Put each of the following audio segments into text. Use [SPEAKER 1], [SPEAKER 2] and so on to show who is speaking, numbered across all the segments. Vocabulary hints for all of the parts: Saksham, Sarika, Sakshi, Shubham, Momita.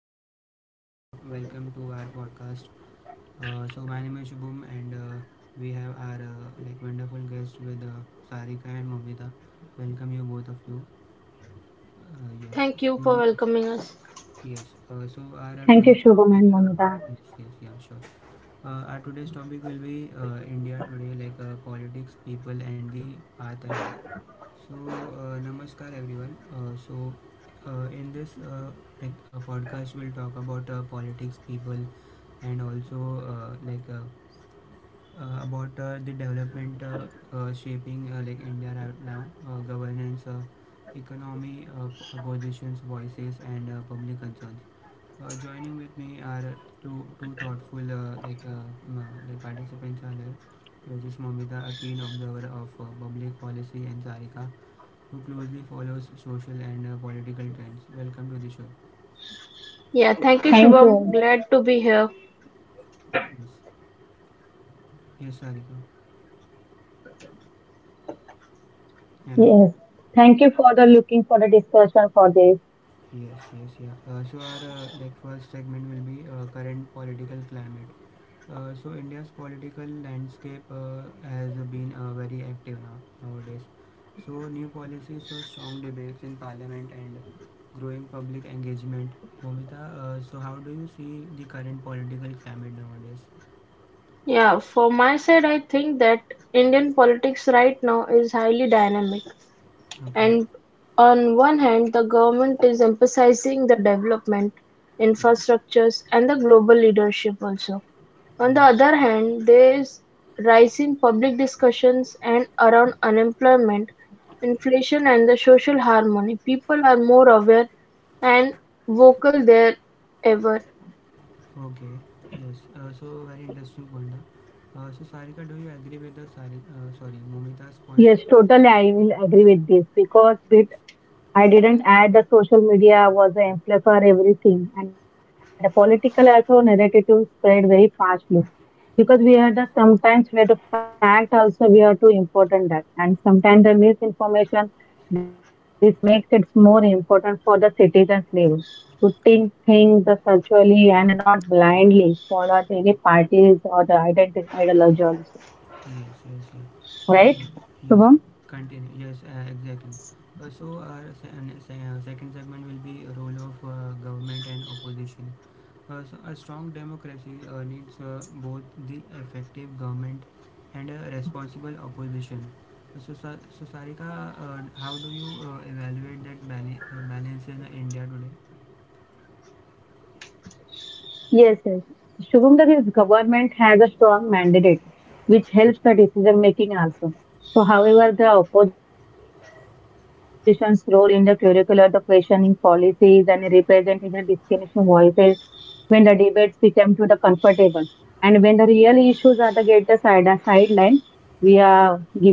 [SPEAKER 1] good evening everyone. Welcome to our podcast. So my name is Shubham and we have our wonderful guest with Sarika and Momita. Welcome you both of you. Uh, yes.
[SPEAKER 2] Thank you for
[SPEAKER 1] So
[SPEAKER 2] welcoming us.
[SPEAKER 1] Yes, so our
[SPEAKER 3] Thank you,
[SPEAKER 1] today's
[SPEAKER 3] Shubham and
[SPEAKER 1] topic,
[SPEAKER 3] Mamita.
[SPEAKER 1] yes, yeah, sure. Our today's topic will be India today, like politics, people, and the path ahead. So, namaskar everyone. In this podcast, we'll talk about politics, people, and also uh, like uh, about the development shaping like India right now, governance, economy, opposition's voices, and public concerns. Joining with me are two thoughtful participants are there, which is Mamita, a keen observer of public policy, and Sarika, who closely follows social and political trends. Welcome to the show.
[SPEAKER 2] Yeah, thank you,
[SPEAKER 3] Thank
[SPEAKER 2] Shubham.
[SPEAKER 3] you.
[SPEAKER 2] Glad to be here.
[SPEAKER 1] Yes, yes, Sarika. Hello.
[SPEAKER 3] Yes. Thank you for the looking for the discussion for this.
[SPEAKER 1] Yes, yes, yeah. So our first segment will be current political climate. So India's political landscape has been very active nowadays. So new policies, so strong debates in parliament and growing public engagement. Momita, so how do you see the current political climate nowadays?
[SPEAKER 2] Yeah, for my side, I think that Indian politics right now is highly dynamic.
[SPEAKER 1] Okay.
[SPEAKER 2] And On one hand, the government is emphasizing the development,
[SPEAKER 1] Yes.
[SPEAKER 2] infrastructures, and the global leadership also. On the
[SPEAKER 1] Mm.
[SPEAKER 2] other hand, there is rising public discussions and around unemployment, inflation, and the social harmony. People are more aware and vocal there ever.
[SPEAKER 1] Okay. Yes. So very interesting point, huh? So Sarika, do you agree with the sorry, Momita's point?
[SPEAKER 3] Yes, totally. I will agree with this because bit I didn't add the social media was the amplifier for everything, and the political also narrative spread very fastly because we had the
[SPEAKER 1] Yes.
[SPEAKER 3] sometimes where the fact also we are too important that, and sometimes the misinformation. This makes it more important for the citizens level to think the socially and not blindly follow any parties or the ideology also,
[SPEAKER 1] Yes, yes, yes.
[SPEAKER 3] right?
[SPEAKER 1] Yes, yes.
[SPEAKER 3] Shubham?
[SPEAKER 1] Continue. Yes, exactly. So our second segment will be role of government and opposition. So a strong democracy needs both the effective government and a responsible opposition. So, so Sarika, how do you evaluate that balance in India today?
[SPEAKER 3] Yes, yes. Shubham, the government has a strong mandate, which helps the decision making also. So, however, the opposition's role in the curricular, the questioning policies and representing the discrimination voices when the debates become to the comfortable. And when the real issues are the get the side sideline, we are giving that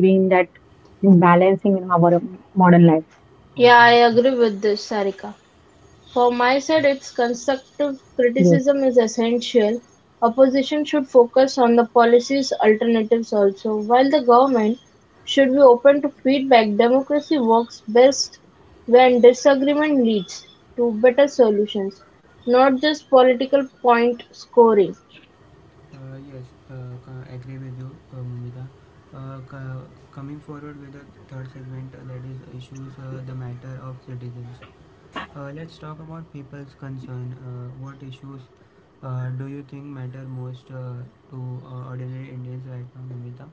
[SPEAKER 3] balancing in our modern life.
[SPEAKER 2] Yeah, I
[SPEAKER 1] Okay.
[SPEAKER 2] agree with this, Sarika. For my side, its constructive
[SPEAKER 3] Yes.
[SPEAKER 2] criticism is essential; opposition should focus on the policy's alternatives also, while the government should be open to feedback democracy works best when disagreement leads to better solutions, not just political point scoring.
[SPEAKER 1] Yes, uh, agree with you, Mumita. Uh, ca- Coming forward with the third segment, that is issues, the matter of citizens. Let's talk about people's concern. What issues do you think matter most to ordinary Indians right now, Mumita?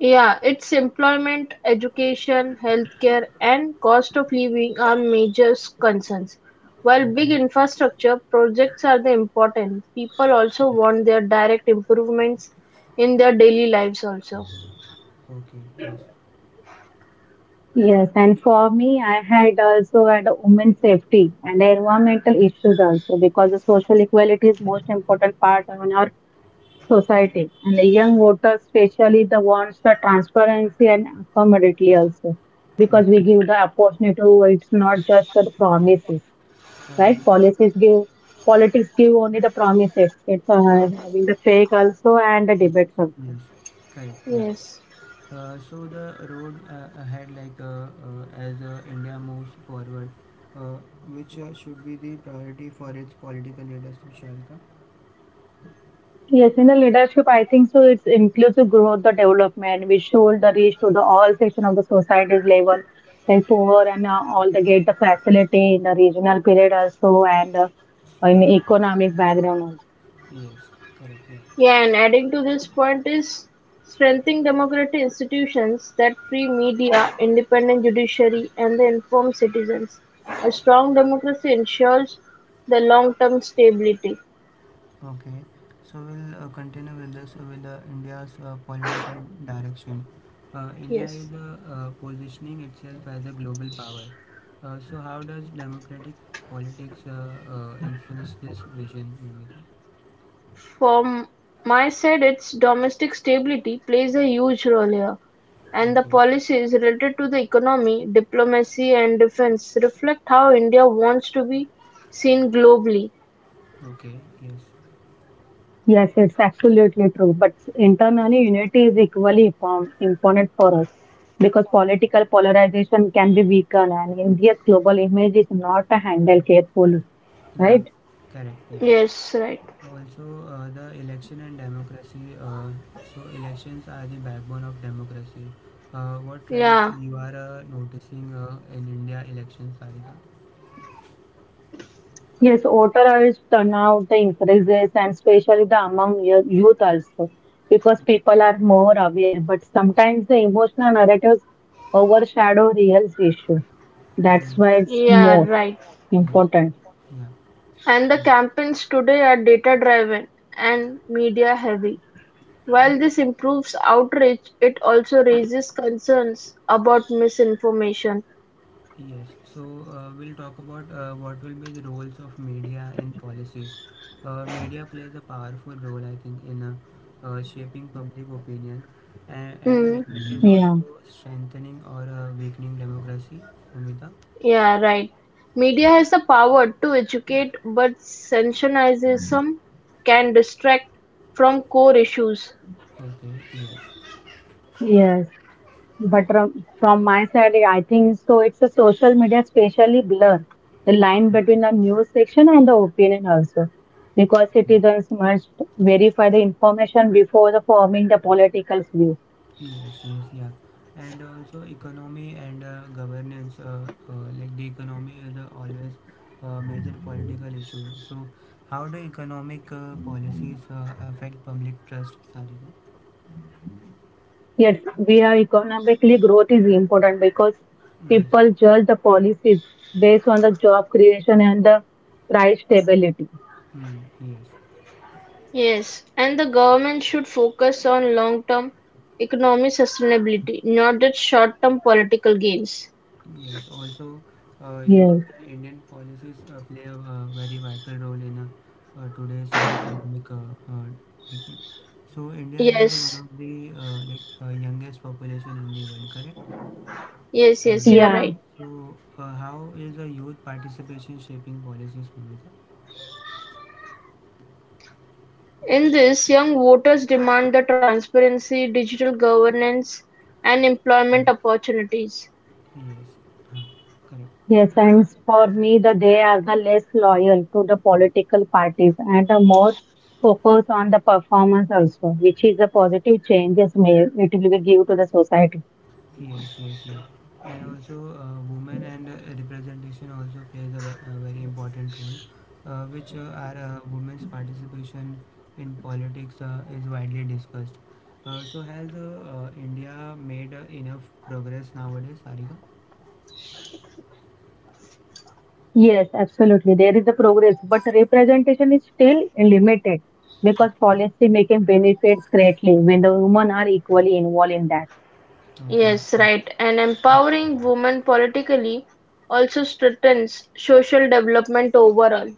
[SPEAKER 2] Yeah, its employment, education, healthcare, and cost of living are major concerns. While big
[SPEAKER 1] Okay.
[SPEAKER 2] infrastructure projects are the important, people also
[SPEAKER 1] Yes.
[SPEAKER 2] want their direct improvements in their daily lives also.
[SPEAKER 1] Okay. Yes.
[SPEAKER 3] Yes, and for me, I had also had a women's safety and environmental issues also because the social equality is most important part of our society. And the young voters, especially the ones the transparency and accountability also because we give the opportunity to. It's not just the promises,
[SPEAKER 1] Yeah.
[SPEAKER 3] right? Policies give politics give only the promises. It's having the fake also and the debates also.
[SPEAKER 1] Yes. Correct. Yeah.
[SPEAKER 2] Yes.
[SPEAKER 1] So the road ahead, like as India moves forward, uh, which should be the priority for its political leaders, Shalika?
[SPEAKER 3] Yes, in the leadership, I think so. It's inclusive growth, the development. We should the reach to the all section of the society's level, like poor and all the get the facility in the regional period also, and in economic background also.
[SPEAKER 1] Yes, correct. Yeah.
[SPEAKER 2] Yeah, and adding to this point is strengthening democratic institutions that free media, independent judiciary, and the informed citizens. A strong democracy ensures the long-term stability.
[SPEAKER 1] Okay. So we'll continue with this with India's political direction. India is
[SPEAKER 2] Yes.
[SPEAKER 1] positioning itself as a global power. So how does democratic politics influence this vision, Nimita?
[SPEAKER 2] For its domestic stability plays a huge role here, and the
[SPEAKER 1] Okay.
[SPEAKER 2] policies related to the economy, diplomacy and defense reflect how India wants to be seen globally.
[SPEAKER 1] Okay. Yes.
[SPEAKER 3] Yes, it's absolutely true. But internally, unity is equally important for us because political polarization can be weakened, and India's global image is not handled carefully,
[SPEAKER 1] Yes.
[SPEAKER 3] right?
[SPEAKER 1] Correct. Yeah.
[SPEAKER 2] Yes, right.
[SPEAKER 1] Also, the election and democracy. So, elections are the backbone of democracy. What trends
[SPEAKER 2] Yeah,
[SPEAKER 1] you are noticing in India elections, Sarika?
[SPEAKER 3] Yes, authorized turnout the increases and especially the among youth also because people are more aware, but sometimes the emotional narratives overshadow real issue.
[SPEAKER 1] Mm,
[SPEAKER 3] That's why it's
[SPEAKER 2] yeah,
[SPEAKER 3] more
[SPEAKER 2] right.
[SPEAKER 1] yes.
[SPEAKER 3] important.
[SPEAKER 1] Yeah.
[SPEAKER 2] And the
[SPEAKER 1] Mm,
[SPEAKER 2] campaigns today are data driven and media heavy. While this improves outreach, it also raises concerns about misinformation.
[SPEAKER 1] yes. So we'll talk about what will be the roles of media in policies. Media plays a powerful role, I think, in shaping public opinion, and
[SPEAKER 2] Hmm.
[SPEAKER 1] it is
[SPEAKER 3] Yeah,
[SPEAKER 1] also strengthening or weakening democracy. Amita.
[SPEAKER 2] Yeah, right. Media has the power to educate, but sensationalism can distract from core issues.
[SPEAKER 1] Okay. Yes.
[SPEAKER 3] yes. But from my side, I think so. It's a social media especially blur the line
[SPEAKER 1] Okay,
[SPEAKER 3] between the news section and the opinion also, because
[SPEAKER 1] okay.
[SPEAKER 3] citizens must verify the information before the forming the political view.
[SPEAKER 1] Yes, yes, yeah. And also economy and governance, the economy is always a major political issue. So, how do economic policies affect public trust, Sarika?
[SPEAKER 3] Yes, we are economically growth is important because
[SPEAKER 1] Yes.
[SPEAKER 3] people judge the policies based on the job creation and the price stability.
[SPEAKER 1] Mm, yes.
[SPEAKER 2] Yes, and the government should focus on long term economic sustainability, not just short term political gains.
[SPEAKER 1] Yes. Also, youth
[SPEAKER 3] Yes.
[SPEAKER 1] and Indian policies play a very vital role in today's economic. Ec- so, India has one
[SPEAKER 2] Yes,
[SPEAKER 1] of the youngest population in the world, correct?
[SPEAKER 2] yes, yes, you
[SPEAKER 1] Ananya.
[SPEAKER 2] are
[SPEAKER 3] Yeah,
[SPEAKER 2] right.
[SPEAKER 1] So, how is the youth participation shaping policies, Bhumika?
[SPEAKER 2] In this, young voters demand the transparency, digital governance, and employment
[SPEAKER 1] Mm.
[SPEAKER 2] opportunities.
[SPEAKER 1] Yes, huh, correct.
[SPEAKER 3] yes, and for me, they are the less loyal to the political parties and the more focus on the performance also, which is a positive changes may it will give to the society.
[SPEAKER 1] Yes, yes, yeah. And also, women and representation also plays a, a very important role, which are women's participation in politics is widely discussed. So, has India made enough progress nowadays, Sarika?
[SPEAKER 3] Yes, absolutely. There is the progress, but representation is still limited because
[SPEAKER 1] Okay.
[SPEAKER 3] policy making benefits greatly when the women are equally involved in that.
[SPEAKER 1] Okay.
[SPEAKER 2] Yes, right. And empowering women politically also strengthens social development overall.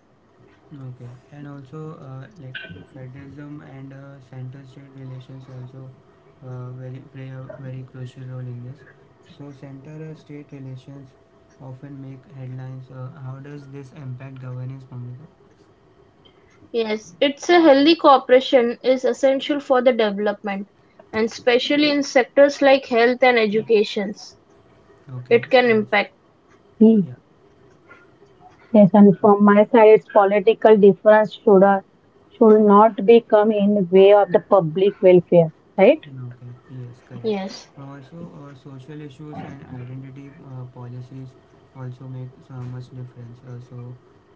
[SPEAKER 1] Okay, and also federalism and center-state relations also very play a very crucial role in this. So center-state relations often make headlines. How does this impact governance, Mamita?
[SPEAKER 2] Yes, it's a healthy cooperation is essential for the development, and especially in sectors like health and educations.
[SPEAKER 1] Okay,
[SPEAKER 2] It can
[SPEAKER 1] yes,
[SPEAKER 2] impact.
[SPEAKER 3] Hmm.
[SPEAKER 1] yeah.
[SPEAKER 3] Yes, and from my side, it's political difference should not become in the way of the public welfare, right?
[SPEAKER 1] Okay, yes, correct.
[SPEAKER 2] Yes.
[SPEAKER 1] Also, social issues and identity policies also make so much difference. So,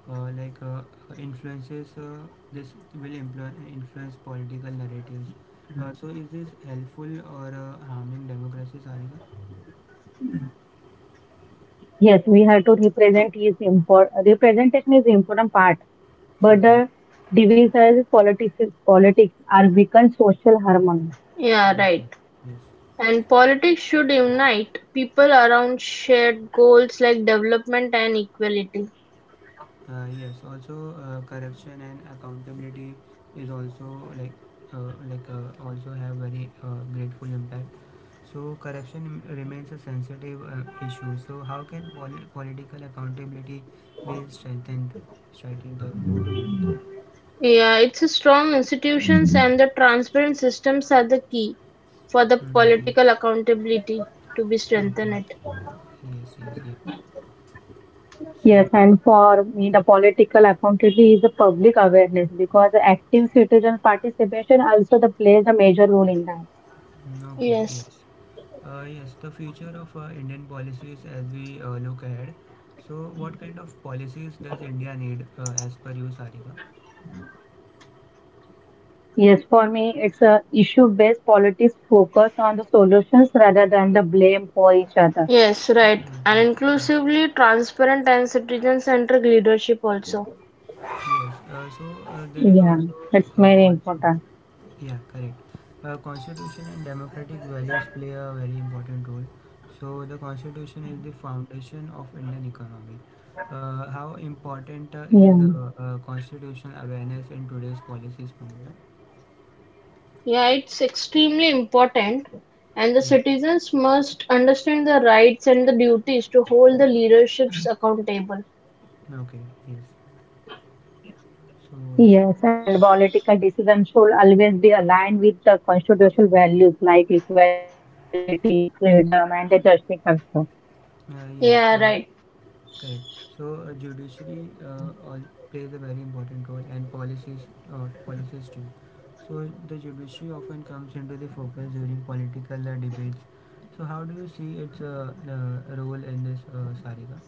[SPEAKER 1] uh, like uh, influences, this will influence political narratives. So, is this helpful or harming democracies? Arika?
[SPEAKER 3] Yes, we have to represent is import representation is important part, but
[SPEAKER 1] Okay,
[SPEAKER 3] the divisions politics are weaken social harmony.
[SPEAKER 2] Yeah, right.
[SPEAKER 1] okay, yes,
[SPEAKER 2] And politics should unite people around shared goals like development and equality.
[SPEAKER 1] yes. Also, corruption and accountability is also like also have very grateful impact. So corruption remains a sensitive issue. So how can political accountability be strengthened? Strengthened or more?
[SPEAKER 2] Yeah, it's a strong institutions and the transparent systems are the key for the
[SPEAKER 1] Mm, okay.
[SPEAKER 2] political accountability to be
[SPEAKER 1] Okay.
[SPEAKER 2] strengthened.
[SPEAKER 1] Yes. Yes. Yeah. So.
[SPEAKER 3] Yes,
[SPEAKER 1] Yes.
[SPEAKER 3] and for me, the political accountability is the public awareness because the active citizen participation also the plays a major role in that.
[SPEAKER 1] Mm, okay.
[SPEAKER 2] Yes,
[SPEAKER 1] Yes. Yes, the future of Indian policies as we look ahead. So, what kind of policies does India need as per you, Sarika?
[SPEAKER 3] Yes, for me, it's a issue-based politics focused on the solutions rather than the blame for each other.
[SPEAKER 2] yes, right. And
[SPEAKER 1] Mm, yes,
[SPEAKER 2] inclusively transparent and citizen-centric leadership also.
[SPEAKER 1] yes. So there is also
[SPEAKER 3] Yeah, it's very
[SPEAKER 1] also.
[SPEAKER 3] important.
[SPEAKER 1] Yeah, correct. Constitution and democratic values play a very important role. So the constitution is the foundation of Indian economy. How important uh, is
[SPEAKER 3] Yeah.
[SPEAKER 1] uh, uh, constitutional awareness in today's policies, Pamela?
[SPEAKER 2] Yeah, it's extremely important, and the
[SPEAKER 1] Yeah.
[SPEAKER 2] citizens must understand the rights and the duties to hold the leaderships accountable.
[SPEAKER 1] Okay. Yes. So
[SPEAKER 3] Yes, and political decisions should always be aligned with the constitutional values like equality, freedom, and the justice also.
[SPEAKER 1] yes.
[SPEAKER 2] Yeah, right.
[SPEAKER 1] Correct. So judiciary all plays a very important role, and policies, policies too. So the judiciary often comes into the focus during political debates. So how do you see its role in this, Sarika?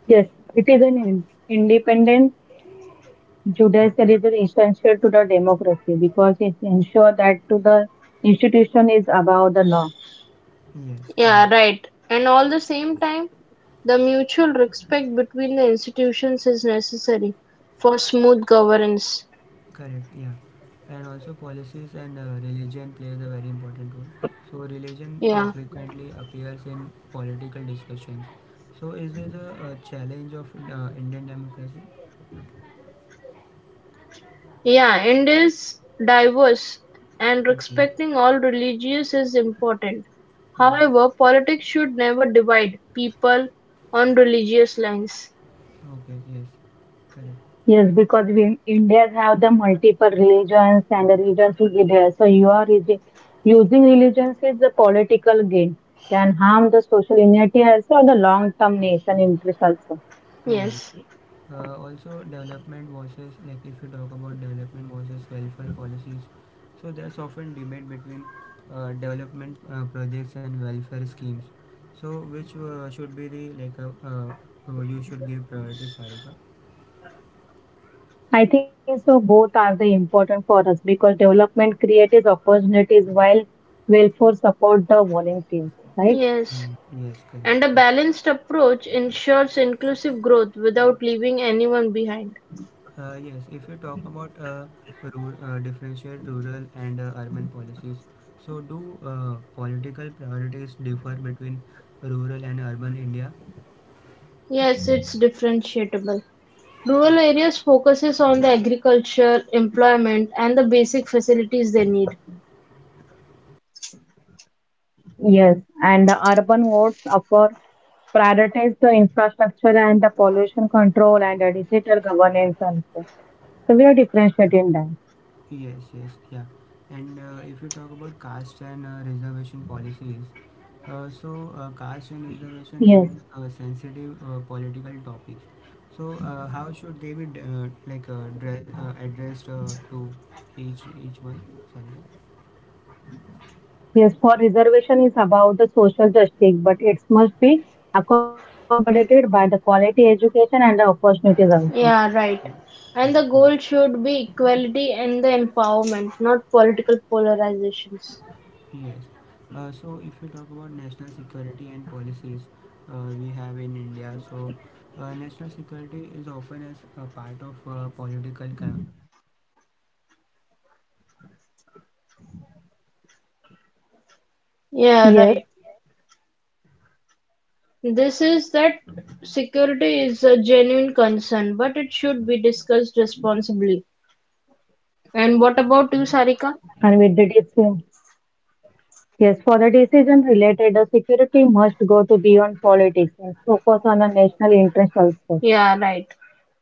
[SPEAKER 3] Yes, it is an independent Judaism is an essential to the democracy because it ensures that to the institution is above the law.
[SPEAKER 1] Yes, correct,
[SPEAKER 2] Yeah, right. And all the same time, the mutual respect between the institutions is necessary for smooth governance.
[SPEAKER 1] correct, yeah. And also policies and religion plays a very important role. So religion
[SPEAKER 2] Yeah.
[SPEAKER 1] frequently appears in political discussions. So is this a challenge of Indian democracy?
[SPEAKER 2] Yeah, and is diverse and
[SPEAKER 1] Okay.
[SPEAKER 2] respecting all religious is important.
[SPEAKER 1] Yes.
[SPEAKER 2] However, politics should never divide people on religious lines.
[SPEAKER 1] Okay, yes, correct.
[SPEAKER 3] Yes, because we Indians have the multiple religions and the religions will be there. So you are using religions is a political gain can harm the social unity also or the long-term nation interest also.
[SPEAKER 1] Yes.
[SPEAKER 2] Yes.
[SPEAKER 1] Also, development versus, like if you talk about development versus welfare policies, so there's often debate between development projects and welfare schemes. So, which should be the you should give priority, Sarika?
[SPEAKER 3] I think so both are the important for us because development creates opportunities while welfare support the volunteers, right?
[SPEAKER 2] Yes.
[SPEAKER 1] Mm, yes,
[SPEAKER 2] And a
[SPEAKER 1] correct.
[SPEAKER 2] balanced approach ensures inclusive growth without leaving anyone behind.
[SPEAKER 1] Yes, if you talk about differentiate rural and urban policies, so do political priorities differ between rural and urban India?
[SPEAKER 2] Yes, it's differentiable.
[SPEAKER 1] Yes,
[SPEAKER 2] Rural areas focuses on the agriculture, employment, and the basic facilities they need.
[SPEAKER 3] Yes, and the urban wards offer prioritize the infrastructure and the pollution control and the digital governance also. So we are differentiating that.
[SPEAKER 1] yes, yes, yeah. And if you talk about caste and reservation policies, caste and reservation
[SPEAKER 3] Yes,
[SPEAKER 1] remain sensitive political topics. So how should they be addressed to each one? Sorry,
[SPEAKER 3] yes, for reservation is about the social justice, but it must be accommodated by the quality education and the opportunities also.
[SPEAKER 2] Yeah, right.
[SPEAKER 1] mm,
[SPEAKER 2] And the
[SPEAKER 1] correct.
[SPEAKER 2] goal
[SPEAKER 1] Yes.
[SPEAKER 2] should be equality and the empowerment, not political polarizations.
[SPEAKER 1] Yes. So if you talk about national security and policies we have in India, so national security is often as a part of political campaigns. So how does it affect public opinions to them?
[SPEAKER 2] Yeah,
[SPEAKER 3] Yes,
[SPEAKER 2] right. This
[SPEAKER 1] Yes.
[SPEAKER 2] is that
[SPEAKER 1] So
[SPEAKER 2] security is a
[SPEAKER 1] yeah,
[SPEAKER 2] genuine concern,
[SPEAKER 1] security
[SPEAKER 2] but
[SPEAKER 1] is
[SPEAKER 2] it
[SPEAKER 1] a
[SPEAKER 2] should
[SPEAKER 1] like
[SPEAKER 2] be
[SPEAKER 1] genuine
[SPEAKER 2] discussed
[SPEAKER 1] concern,
[SPEAKER 2] responsibly.
[SPEAKER 1] but it shouldn't be
[SPEAKER 2] And
[SPEAKER 1] discussed
[SPEAKER 2] what about you,
[SPEAKER 1] responsibly.
[SPEAKER 2] Sarika?
[SPEAKER 3] and with the
[SPEAKER 1] Correct?
[SPEAKER 3] decision, yes, for the decision related, the security must go to beyond politics and focus on the national interest also.
[SPEAKER 2] Yeah, right.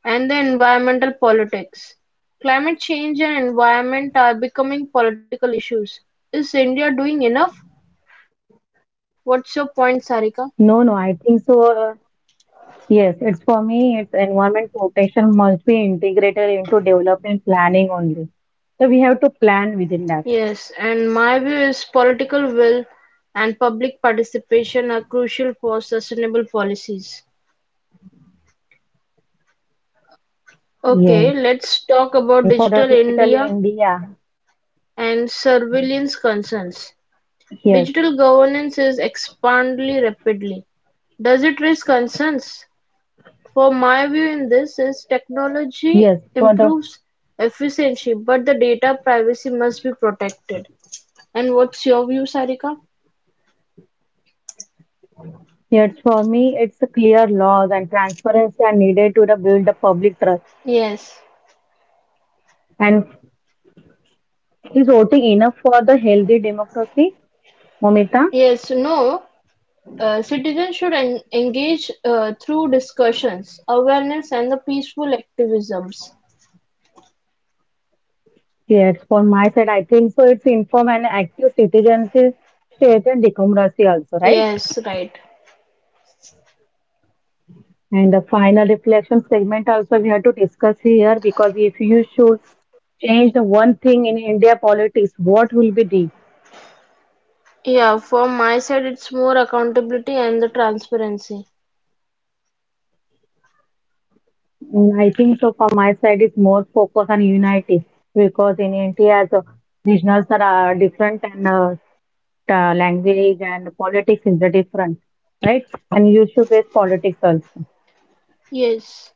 [SPEAKER 2] And the environmental politics. Climate change and environment are becoming political issues. Is India doing enough? What's your point, Sarika?
[SPEAKER 3] No, no, I think so. Yes, it's for me, it's environment protection must be integrated into development planning only. So we have to plan within that.
[SPEAKER 2] Yes, and my view is political will and public participation are crucial for sustainable policies.
[SPEAKER 3] Yes.
[SPEAKER 2] Okay, let's
[SPEAKER 3] And for the
[SPEAKER 2] talk about
[SPEAKER 3] digital
[SPEAKER 2] digital
[SPEAKER 3] India,
[SPEAKER 2] India and surveillance concerns.
[SPEAKER 3] yes,
[SPEAKER 2] Digital governance is expanding rapidly. Does it raise concerns? For my view in this is
[SPEAKER 3] yes. For
[SPEAKER 2] technology
[SPEAKER 3] the
[SPEAKER 2] improves efficiency, but the data privacy must be protected. And what's your view, Sarika?
[SPEAKER 3] yes, for me, it's a clear laws and transparency are needed to the build the public trust.
[SPEAKER 2] Yes,
[SPEAKER 3] And is voting enough for the healthy democracy, Momita?
[SPEAKER 2] yes, No. Citizens should engage through discussions, awareness, and the peaceful activisms.
[SPEAKER 3] Yes, for my side, I think so. It's informed and active citizens is state and democracy also, right?
[SPEAKER 2] Yes, right.
[SPEAKER 3] And the final reflection segment also we have to discuss here because if you should change the one thing in India politics, what will be the?
[SPEAKER 2] Yeah, from my side, it's more accountability and the transparency.
[SPEAKER 3] Mm, I think so from my side is more focus on unity because in India the regionals are different and the language and politics is the different, right? And you should base politics also.
[SPEAKER 2] Yes,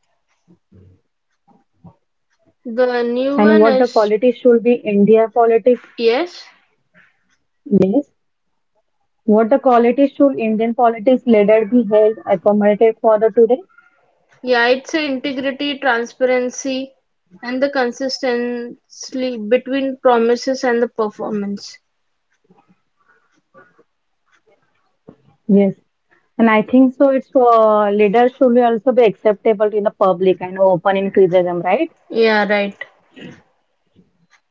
[SPEAKER 2] the new
[SPEAKER 3] And
[SPEAKER 2] one
[SPEAKER 3] what the
[SPEAKER 2] is
[SPEAKER 3] quality should be India politics?
[SPEAKER 2] yes.
[SPEAKER 3] Yes. What the quality should Indian politics leader be held accommodated for the today?
[SPEAKER 2] Yeah, it's a integrity, transparency, and the consistency between promises and the performance.
[SPEAKER 3] Yes, and I think so. It's leaders should also be acceptable in the public and open in criticism, right?
[SPEAKER 2] Yeah, right.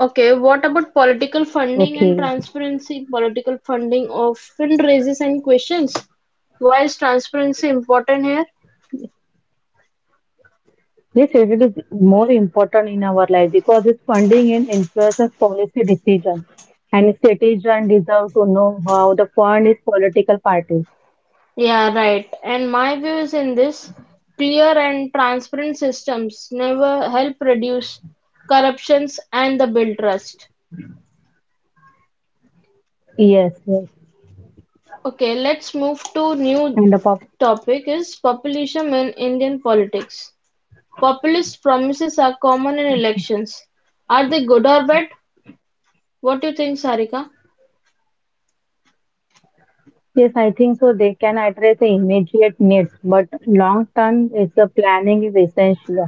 [SPEAKER 2] Okay, what about political funding and
[SPEAKER 3] Okay.
[SPEAKER 2] transparency? Political funding often raises any questions. Why is transparency important here?
[SPEAKER 3] Yes, it is more important in our life because it's funding and influences policy decisions, and citizens deserve to know how the fund is political parties.
[SPEAKER 2] Yeah, right. And my view is in this clear and transparent systems never help reduce corruptions and the build trust.
[SPEAKER 3] Yes, yes,
[SPEAKER 2] Okay, let's move to new
[SPEAKER 3] and the pub.
[SPEAKER 2] topic is populism in Indian politics. Populist promises are common in
[SPEAKER 3] Okay.
[SPEAKER 2] elections. Are they good or bad? What do you think, Sarika?
[SPEAKER 3] Yes, I think so. They can address the immediate needs, but long term is the planning is essential.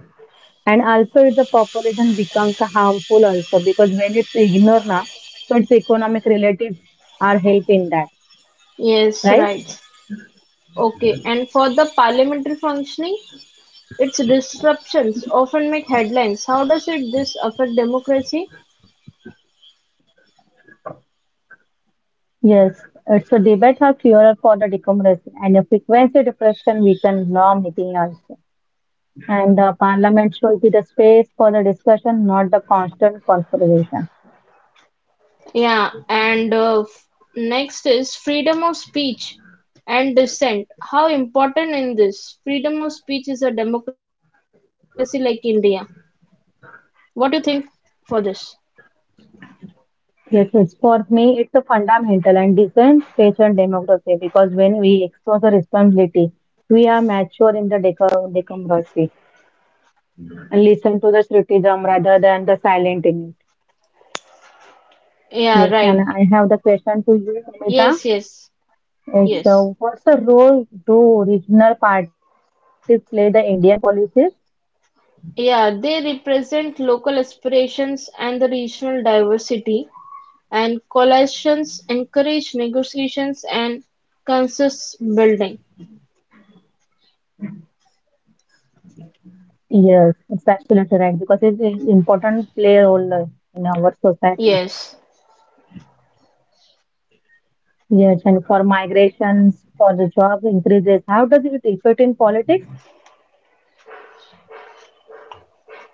[SPEAKER 3] And also if the population becomes harmful also because when it's ignored now, so its economic relatives are help in that,
[SPEAKER 2] Yes, right.
[SPEAKER 3] right?
[SPEAKER 2] Okay, and for the parliamentary functioning, its disruptions often make headlines. How does it this affect democracy?
[SPEAKER 3] Yes, it's a debate or cure for the democracy and a frequency depression weaken law making also. And the parliament should be the space for the discussion, not the constant confrontation.
[SPEAKER 2] Yeah, and uh, f- Next is freedom of speech and dissent. How important in this? Freedom of speech is a democracy like India. What do you think for this?
[SPEAKER 3] Yes, it's for me, it's a fundamental and decent stage and democracy because when we expose the responsibility, we are mature in the democracy. And listen to the Shruti Jam rather than the silent in it.
[SPEAKER 2] Yeah, right.
[SPEAKER 3] Yes, and I have the question to you,
[SPEAKER 2] Yes,
[SPEAKER 3] Amita.
[SPEAKER 2] yes, yes.
[SPEAKER 3] It's what's the role do regional parties play the Indian policies?
[SPEAKER 2] Yeah, they represent local aspirations and the regional diversity, and coalitions encourage negotiations and consensus building.
[SPEAKER 3] Yes, it's absolutely right because it's an important play role in our society.
[SPEAKER 2] Yes.
[SPEAKER 3] Yes, and for migrations, for the job increases, how does it affect in politics,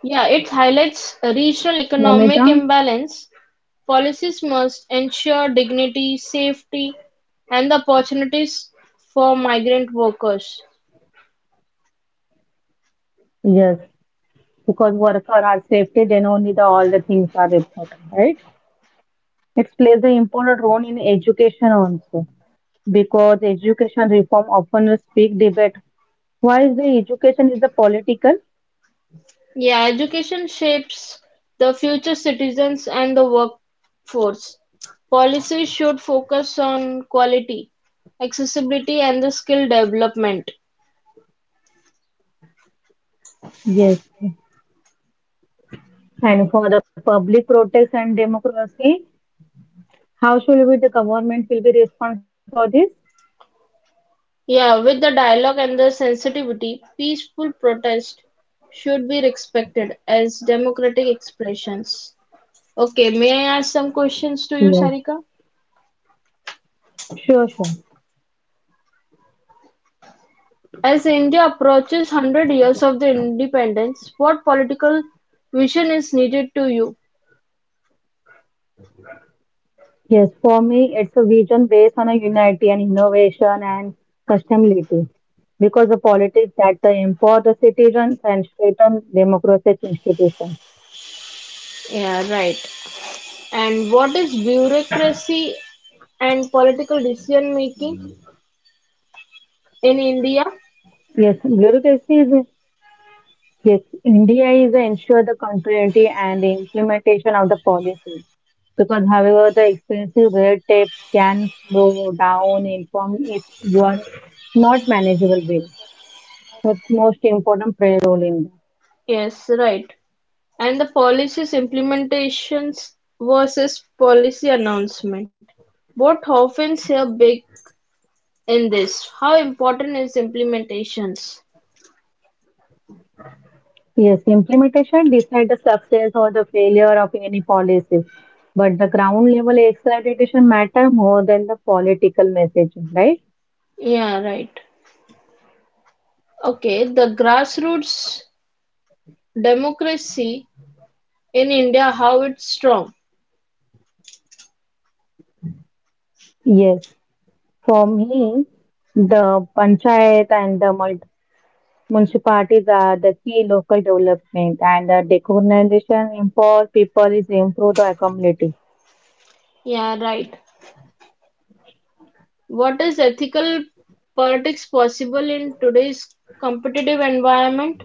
[SPEAKER 2] Yeah, it highlights a regional economic
[SPEAKER 3] Momita?
[SPEAKER 2] imbalance. Policies must ensure dignity, safety, and the opportunities for migrant workers.
[SPEAKER 3] Yes, because worker are safety, then only the all the things are important, right? It plays an important role in education also because education reform often is big debate. Why is the education is the political?
[SPEAKER 2] Yeah, education shapes the future citizens and the workforce. Policies should focus on quality, accessibility, and the skill development.
[SPEAKER 3] Yes. And for the public protest and democracy, how should we the government will be respond for this?
[SPEAKER 2] Yeah, with the dialogue and the sensitivity, peaceful protest should be respected as democratic expressions. Okay, may I ask some questions to you,
[SPEAKER 3] Yes.
[SPEAKER 2] Sarika?
[SPEAKER 3] Sure, sure.
[SPEAKER 2] As India approaches 100 years of the independence, what political vision is needed to you?
[SPEAKER 3] Yes, for me it's a vision based on a unity and innovation and sustainability. Because the politics that empower the citizens and strengthen democratic institutions.
[SPEAKER 2] Yeah, right. And what is bureaucracy and political decision making in India?
[SPEAKER 3] Yes, bureaucracy is yes, India is a ensure the continuity and the implementation of the policies. Because, however, the expensive red tape can slow down inform if you are not manageable with. That's most important play role in that.
[SPEAKER 2] Yes, right. And the policies implementations versus policy announcement. What often say big in this? How important is implementations?
[SPEAKER 3] Yes, implementation decide the success or the failure of any policy. But the ground level accreditation matter more than the political messaging, right?
[SPEAKER 2] Yeah, right. Okay, the grassroots democracy in India, how it's strong.
[SPEAKER 3] Yes, for me, the panchayat and the municipalities are the key local development and the decolonization empower people is improve the community.
[SPEAKER 2] Yeah, right. What is ethical politics possible in today's competitive environment?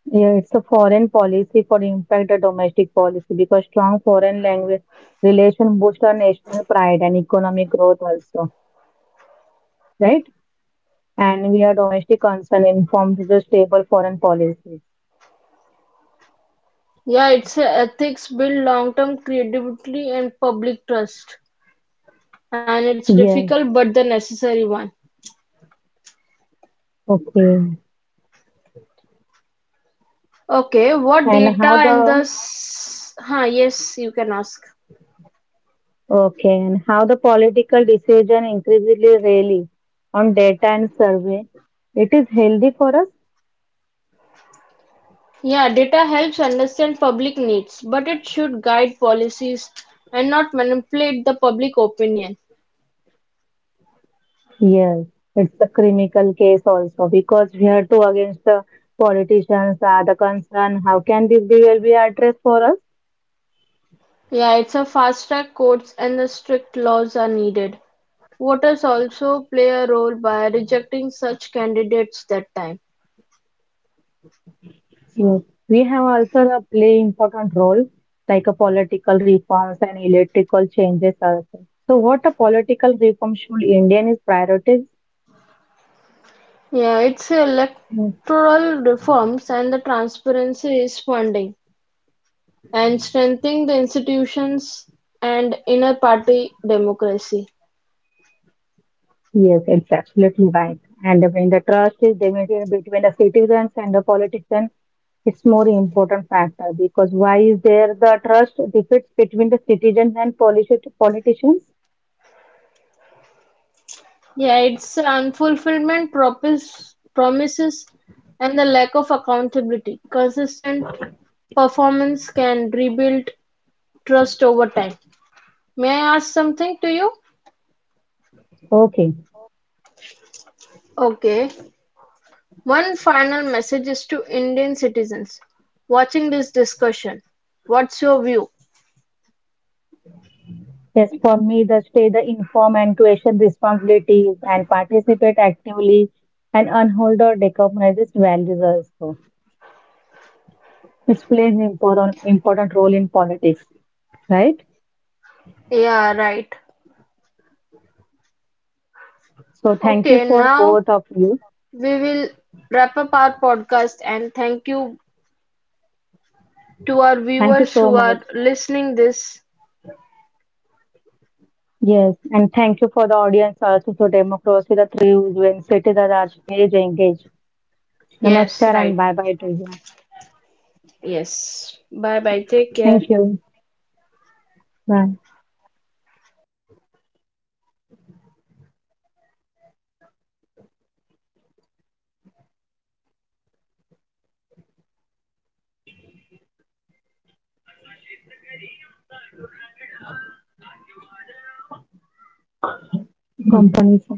[SPEAKER 3] Yeah, it's a foreign policy for impact the domestic policy because strong foreign language relation boost our national pride and economic growth also, right? And we are domestic concern informed to the stable foreign policies.
[SPEAKER 2] Yeah, It's a ethics build long-term credibility and public trust, and it's
[SPEAKER 3] Yes.
[SPEAKER 2] difficult but the necessary one.
[SPEAKER 3] Okay.
[SPEAKER 2] Okay, what
[SPEAKER 3] And
[SPEAKER 2] data
[SPEAKER 3] how
[SPEAKER 2] and the
[SPEAKER 3] the
[SPEAKER 2] s- huh, yes, you can ask.
[SPEAKER 3] okay, and how the political decision increasingly rely on data and survey. It is healthy for us?
[SPEAKER 2] Yeah, data helps understand public needs, but it should guide policies and not manipulate the public opinion.
[SPEAKER 3] Yes, it's a criminal case also because we are too against the politicians are the concern. How can this be will be addressed for us?
[SPEAKER 2] Yeah, it's a fast track courts and the strict laws are needed. Voters also play a role by rejecting such candidates that time.
[SPEAKER 3] Yes, we have also a play important role like a political reforms and electrical changes also. So what a political reform should Indian is priorities?
[SPEAKER 2] Yeah, it's electoral reforms and the transparency is funding and strengthening the institutions and inner party democracy.
[SPEAKER 3] Yes, it's absolutely right. And when the trust is diminished between the citizens and the politicians, it's more important factor because why is there the trust deficit between the citizens and politicians?
[SPEAKER 2] Yeah, it's unfulfillment promises and the lack of accountability. Consistent performance can rebuild trust over time. May I ask something to you?
[SPEAKER 3] Okay.
[SPEAKER 2] Okay. One final message is to Indian citizens watching this discussion: What's your view?
[SPEAKER 3] Yes, for me, the stay the inform and question responsibilities and participate actively and unhold or decompress values also. It plays an important role in politics, right?
[SPEAKER 2] Yeah, right.
[SPEAKER 3] So thank you
[SPEAKER 2] Okay,
[SPEAKER 3] for
[SPEAKER 2] now
[SPEAKER 3] both of you.
[SPEAKER 2] we will wrap up our podcast and thank you to our
[SPEAKER 3] Thank
[SPEAKER 2] viewers
[SPEAKER 3] you
[SPEAKER 2] who
[SPEAKER 3] so
[SPEAKER 2] are
[SPEAKER 3] much.
[SPEAKER 2] listening this.
[SPEAKER 3] Yes, and thank you for the audience also for democracy, the three when cities are engaged.
[SPEAKER 2] Yes,
[SPEAKER 3] Namaskar and
[SPEAKER 2] right.
[SPEAKER 3] bye bye to you.
[SPEAKER 2] Yes. Bye bye. Take care.
[SPEAKER 3] Thank you. Bye. Mm. Companies.